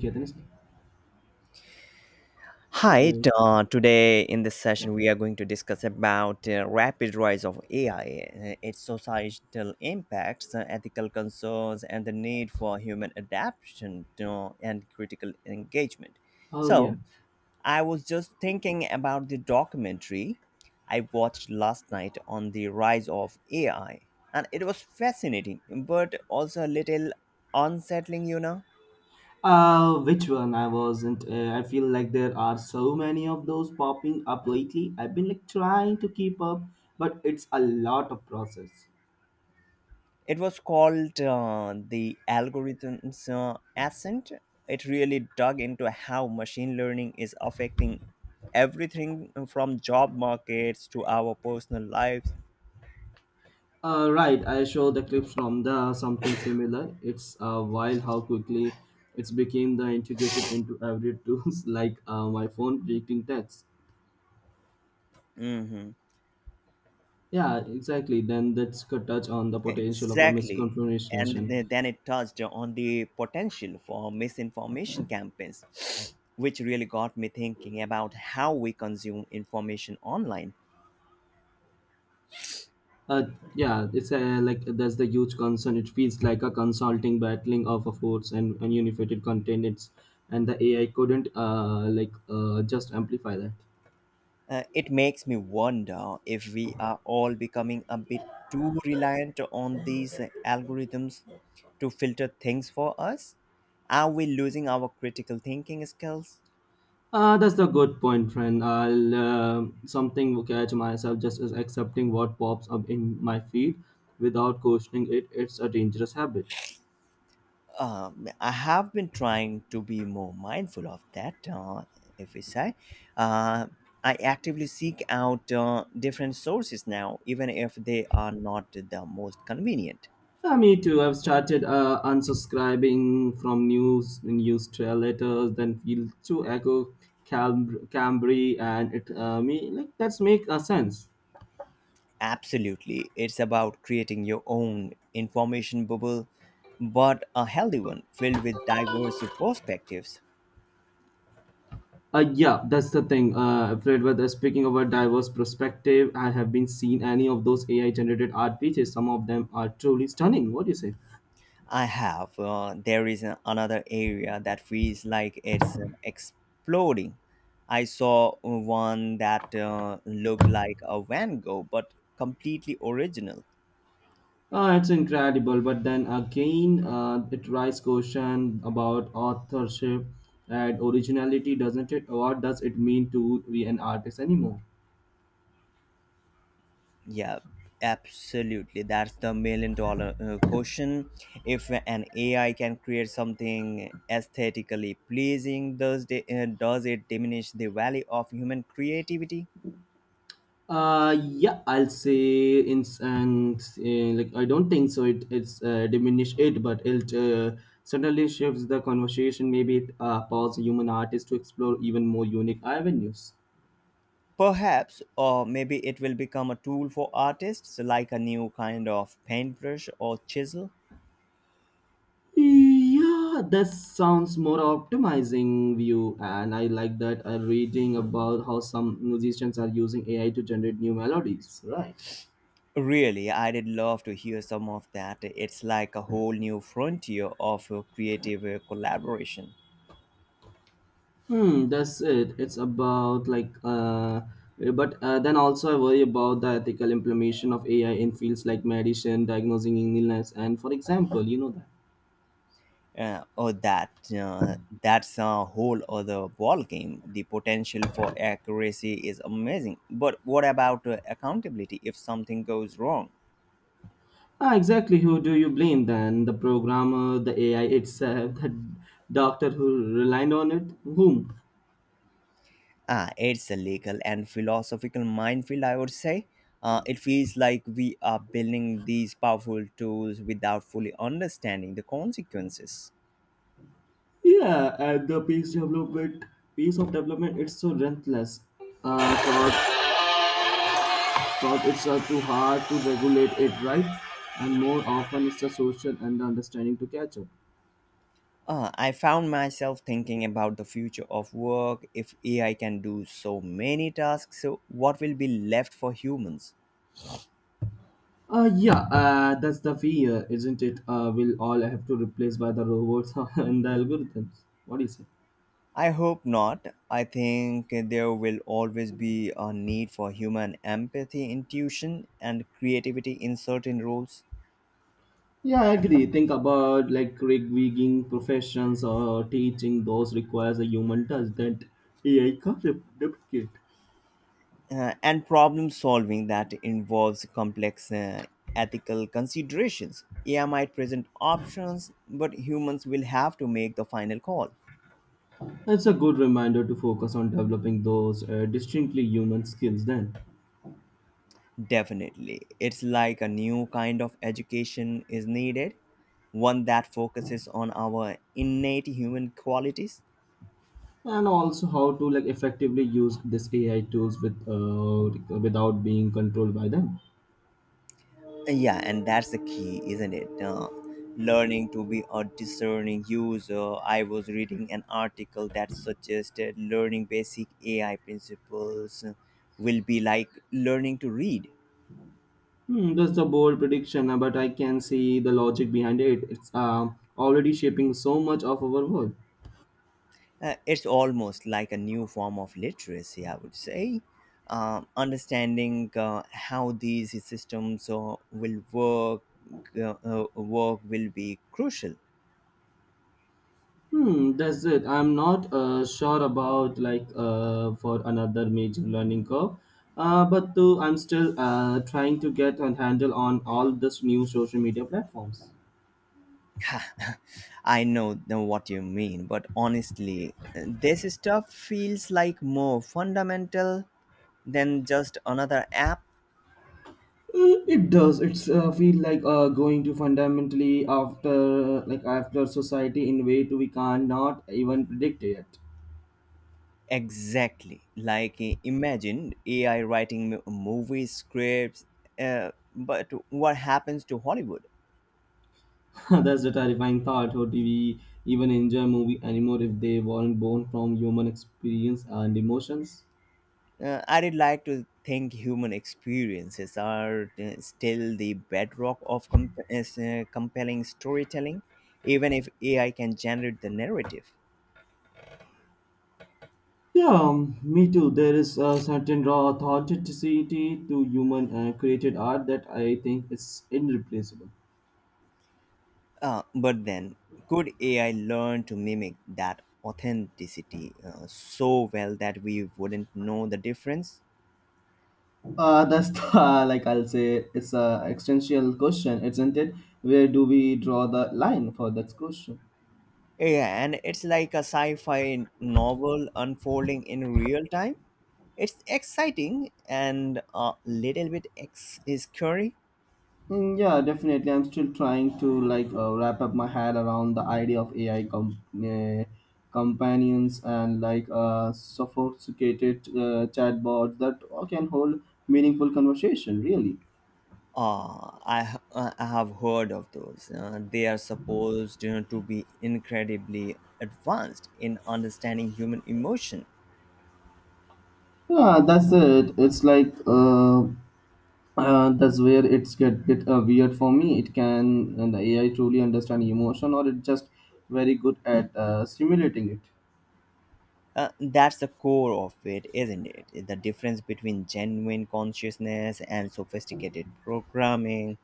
Yeah, then it's- hello. Today in this Yeah. session we are going to discuss about rapid rise of AI, its societal impacts, ethical concerns, and the need for human adaptation to, and critical engagement. Oh yeah. So, I was just thinking about the documentary I watched last night on the rise of AI, and it was fascinating, but also a little unsettling. Which one? I wasn't. I feel like there are so many of those popping up lately. I've been like trying to keep up, but it's a lot of process. It was called the algorithm's ascent. It really dug into how machine learning is affecting everything from job markets to our personal lives. Right. I show the clips from the something similar. It's wild how quickly it's became the integrated into every tools like my phone predicting text. Hmm. Yeah, exactly. Then touch on the potential of a Exactly. And misconfiguration. Then it touched on the potential for misinformation campaigns, which really got me thinking about how we consume information online. Uh, yeah, it's a, like that's the huge concern. It feels like a consulting battling of a force and unified content. It's and the AI couldn't like just amplify that. It makes me wonder if we are all becoming a bit too reliant on these algorithms to filter things for us. Are we losing our critical thinking skills? That's the good point, friend. I'll something will catch myself just as accepting what pops up in my feed without questioning it. It's a dangerous habit. I have been trying to be more mindful of that. If we say, uh, I actively seek out different sources now, even if they are not the most convenient. Me too. I've started unsubscribing from news newsletters, letters, then feel to echo Cambry, and it me like that's make sense. Absolutely. It's about creating your own information bubble, but a healthy one filled with diverse perspectives. Yeah, that's the thing. Fred, whether speaking of a diverse perspective, I have been seen any of those AI generated art pieces. Some of them are truly stunning. What do you say? I have. There is another area that feels like it's exploding. I saw one that looked like a Van Gogh, but completely original. It's incredible, but then again, it raises question about authorship and originality, doesn't it? What does it mean to be an artist anymore? Yeah, absolutely. That's the million dollar question. If an AI can create something aesthetically pleasing, does it diminish the value of human creativity? Yeah, I'll say in and like I don't think so. It's diminish it, but it certainly shifts the conversation. Maybe it allows human artists to explore even more unique avenues. Perhaps, or maybe it will become a tool for artists, like a new kind of paintbrush or chisel. Yeah, that sounds more optimizing view, and I like that. I'm reading about how some musicians are using AI to generate new melodies. Right. Really, I did love to hear some of that. It's like a whole new frontier of creative collaboration. Hmm, that's it. It's about like but then also I worry about the ethical implementation of AI in fields like medicine, diagnosing illness, and for example, you know that. Oh uh, that's a whole other ball game. The potential for accuracy is amazing, but what about accountability if something goes wrong? Ah, exactly. Who do you blame then? The programmer, the AI itself, the doctor who relied on it? Whom? Ah, it's a legal and philosophical minefield, I would say. It feels like we are building these powerful tools without fully understanding the consequences. Yeah, and the pace of development, it's so relentless. Uh, thought, Thought it's too hard to regulate it, right? And more often, it's the social and the understanding to catch up. I found myself thinking about the future of work. If AI can do so many tasks, so what will be left for humans? Yeah, that's the fear, isn't it? We'll all have to replace by the robots and the algorithms. What do you say? I hope not. I think there will always be a need for human empathy, intuition, and creativity in certain roles, Yeah, I agree. Think about like gig professions or teaching; those requires a human touch that AI can't replicate. And problem solving that involves complex ethical considerations. AI might present options, but humans will have to make the final call. It's a good reminder to focus on developing those distinctly human skills then, Definitely. It's like a new kind of education is needed, one that focuses on our innate human qualities. and also how to like effectively use this AI tools with without being controlled by them. Yeah, and that's the key, isn't it? Learning to be a discerning user. I was reading an article that suggested learning basic AI principles will be like learning to read. Hmm, that's a bold prediction, but I can see the logic behind it. It's already shaping so much of our world. It's almost like a new form of literacy, I would say. Understanding how these systems will work will be crucial. Hmm, that's it. I'm not sure about like for another major learning curve, but I'm still trying to get a handle on all this new social media platforms. I know what you mean, but honestly, this stuff feels like more fundamental than just another app. It does. It's feel like going to fundamentally after like after society in a way to we cannot even predict yet. Exactly. Like imagine AI writing movie scripts, but what happens to Hollywood? That's the terrifying thought. How do we even enjoy movie anymore if they weren't born from human experience and emotions? I'd like to think human experiences are still the bedrock of compelling storytelling, even if AI can generate the narrative. Yeah, me too. There is a certain raw authenticity to human created art that I think is irreplaceable. But then, could AI learn to mimic that authenticity so well that we wouldn't know the difference? That's the, like I'll say it's a existential question, isn't it? Where do we draw the line for that question? Yeah, and it's like a sci fi novel unfolding in real time. It's exciting and a little bit scary. Mm, yeah, definitely. I'm still trying to like wrap up my head around the idea of AI companions and like sophisticated chatbots that can hold meaningful conversation. Really, I have heard of those. They are supposed you know, to be incredibly advanced in understanding human emotion. yeah, that's it. It's like that's where it's get bit weird for me. It can and the AI truly understand emotion, or it's just very good at stimulating it. That's the core of it, isn't it? The difference between genuine consciousness and sophisticated programming.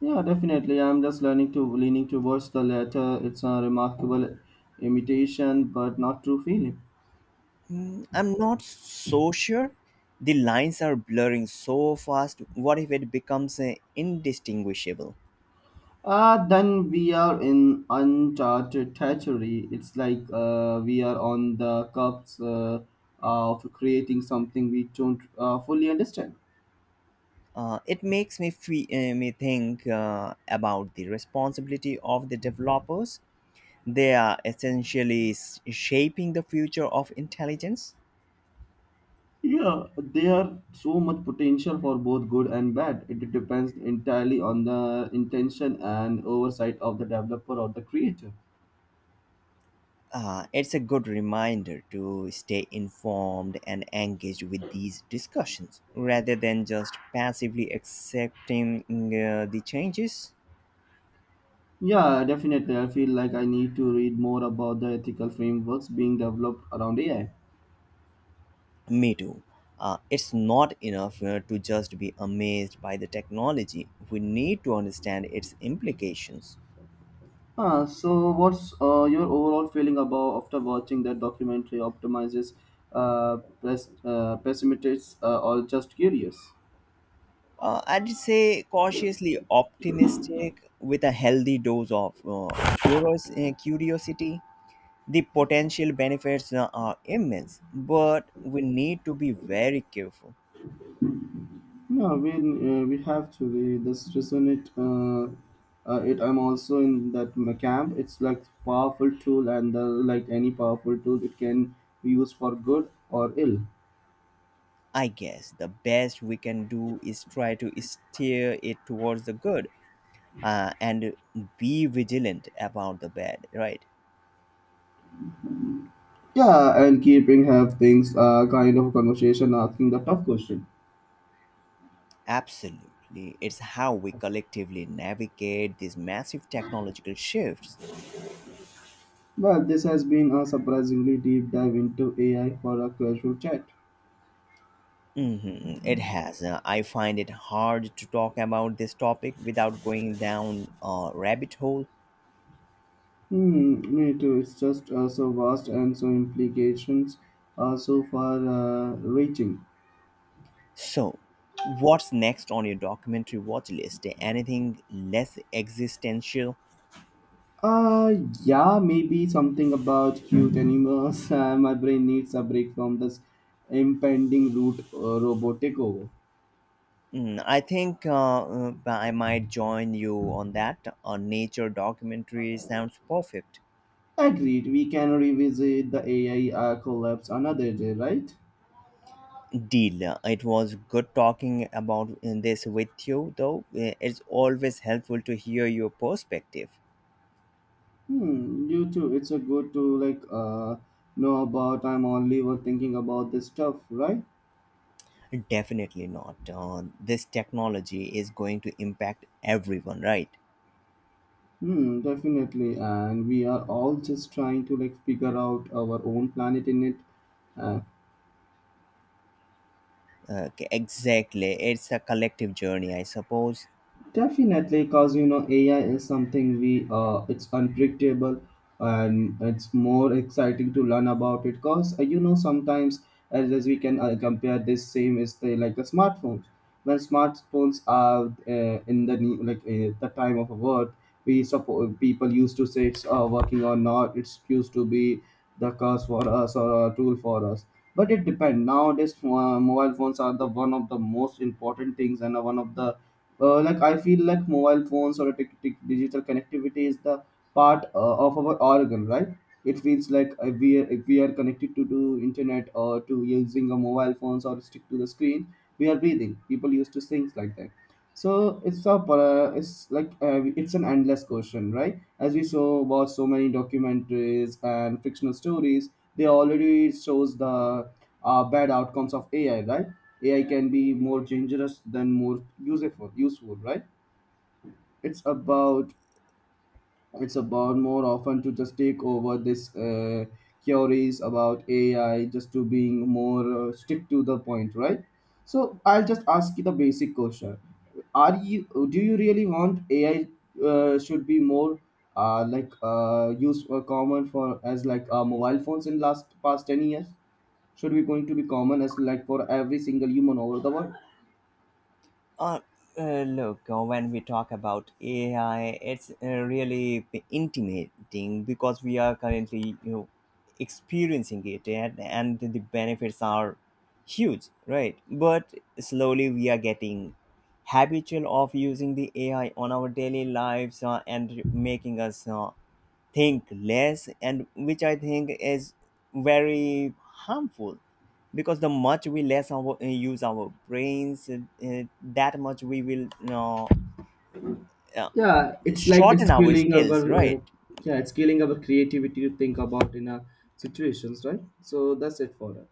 Yeah, definitely. I'm just learning to leaning towards the latter. It's a remarkable imitation, but not true feeling. Hmm, I'm not so sure. The lines are blurring so fast. What if it becomes indistinguishable? Ah, then we are in uncharted territory. It's like we are on the cups of creating something we don't fully understand. It makes me fe- me think about the responsibility of the developers. They are essentially shaping the future of intelligence. Yeah, there are so much potential for both good and bad. It depends entirely on the intention and oversight of the developer or the creator. It's a good reminder to stay informed and engaged with these discussions rather than just passively accepting the changes. Yeah, definitely. I feel like I need to read more about the ethical frameworks being developed around AI. Me too. It's not enough to just be amazed by the technology. We need to understand its implications. Ah, so what's your overall feeling about after watching that documentary? Optimizes, pessimists, or just curious? I'd say cautiously optimistic with a healthy dose of curiosity. The potential benefits are immense, but we need to be very careful. Yeah, we have to we this resonate. It I'm also in that camp. It's like powerful tool, and like any powerful tool, it can be used for good or ill. I guess the best we can do is try to steer it towards the good and be vigilant about the bad, right? Yeah, and keeping have things kind of a conversation, asking the tough question. Absolutely. It's how we collectively navigate these massive technological shifts. Well, this has been a surprisingly deep dive into AI for a casual chat. Hmm. It has. I find it hard to talk about this topic without going down a rabbit hole. Hmm, me too. It's just so vast and so implications are so far reaching. So, what's next on your documentary watch list? Anything less existential? Uh, yeah, maybe something about cute animals. My brain needs a break from this impending root robot takeover. Mm, I think I might join you on that. A nature documentary sounds perfect. Agreed, we can revisit the AI collapse another day, right? Deal. It was good talking about this with you, though. It's always helpful to hear your perspective. Hmm, you too. It's a good to like know about. I'm only were thinking about this stuff, right? Definitely not. This technology is going to impact everyone, right? Hmm, definitely. And we are all just trying to like figure out our own planet in it. Uh, Okay, exactly. It's a collective journey, I suppose. Definitely, because you know, AI is something we it's unpredictable and it's more exciting to learn about it. Because you know, sometimes as we can compare this same is the like the smartphones. When smartphones are in the ne- like the time of a word, we support people used to say it's working or not. It's used to be the curse for us or a tool for us. But it depends. Nowadays, mobile phones are the one of the most important things and one of the like I feel like mobile phones or a digital connectivity is the part of our organ, right? It feels like we are, if we are connected to the internet or to using a mobile phones or stick to the screen, we are breathing people used to things like that. So it's a it's like it's an endless question, right? As we saw about so many documentaries and fictional stories, they already shows the bad outcomes of AI, right? AI can be more dangerous than more useful, right? It's about it's about more often to just take over this queries about AI just to being more stick to the point, right? So I'll just ask you the basic question: Are you do you really want AI should be more used or common for as like mobile phones in last past 10 years? Should be going to be common as like for every single human over the world? Uh, Look, when we talk about AI, it's really intimidating because we are currently, you know, experiencing it, and the benefits are huge, right? But slowly we are getting habitual of using the AI on our daily lives and making us think less and which I think is very harmful because the much we less use our brains that much we will you know, uh, Yeah, it's like shorten our skilling our skills uh, right yeah, it's killing our creativity to think about in a situations, right? So that's it for us.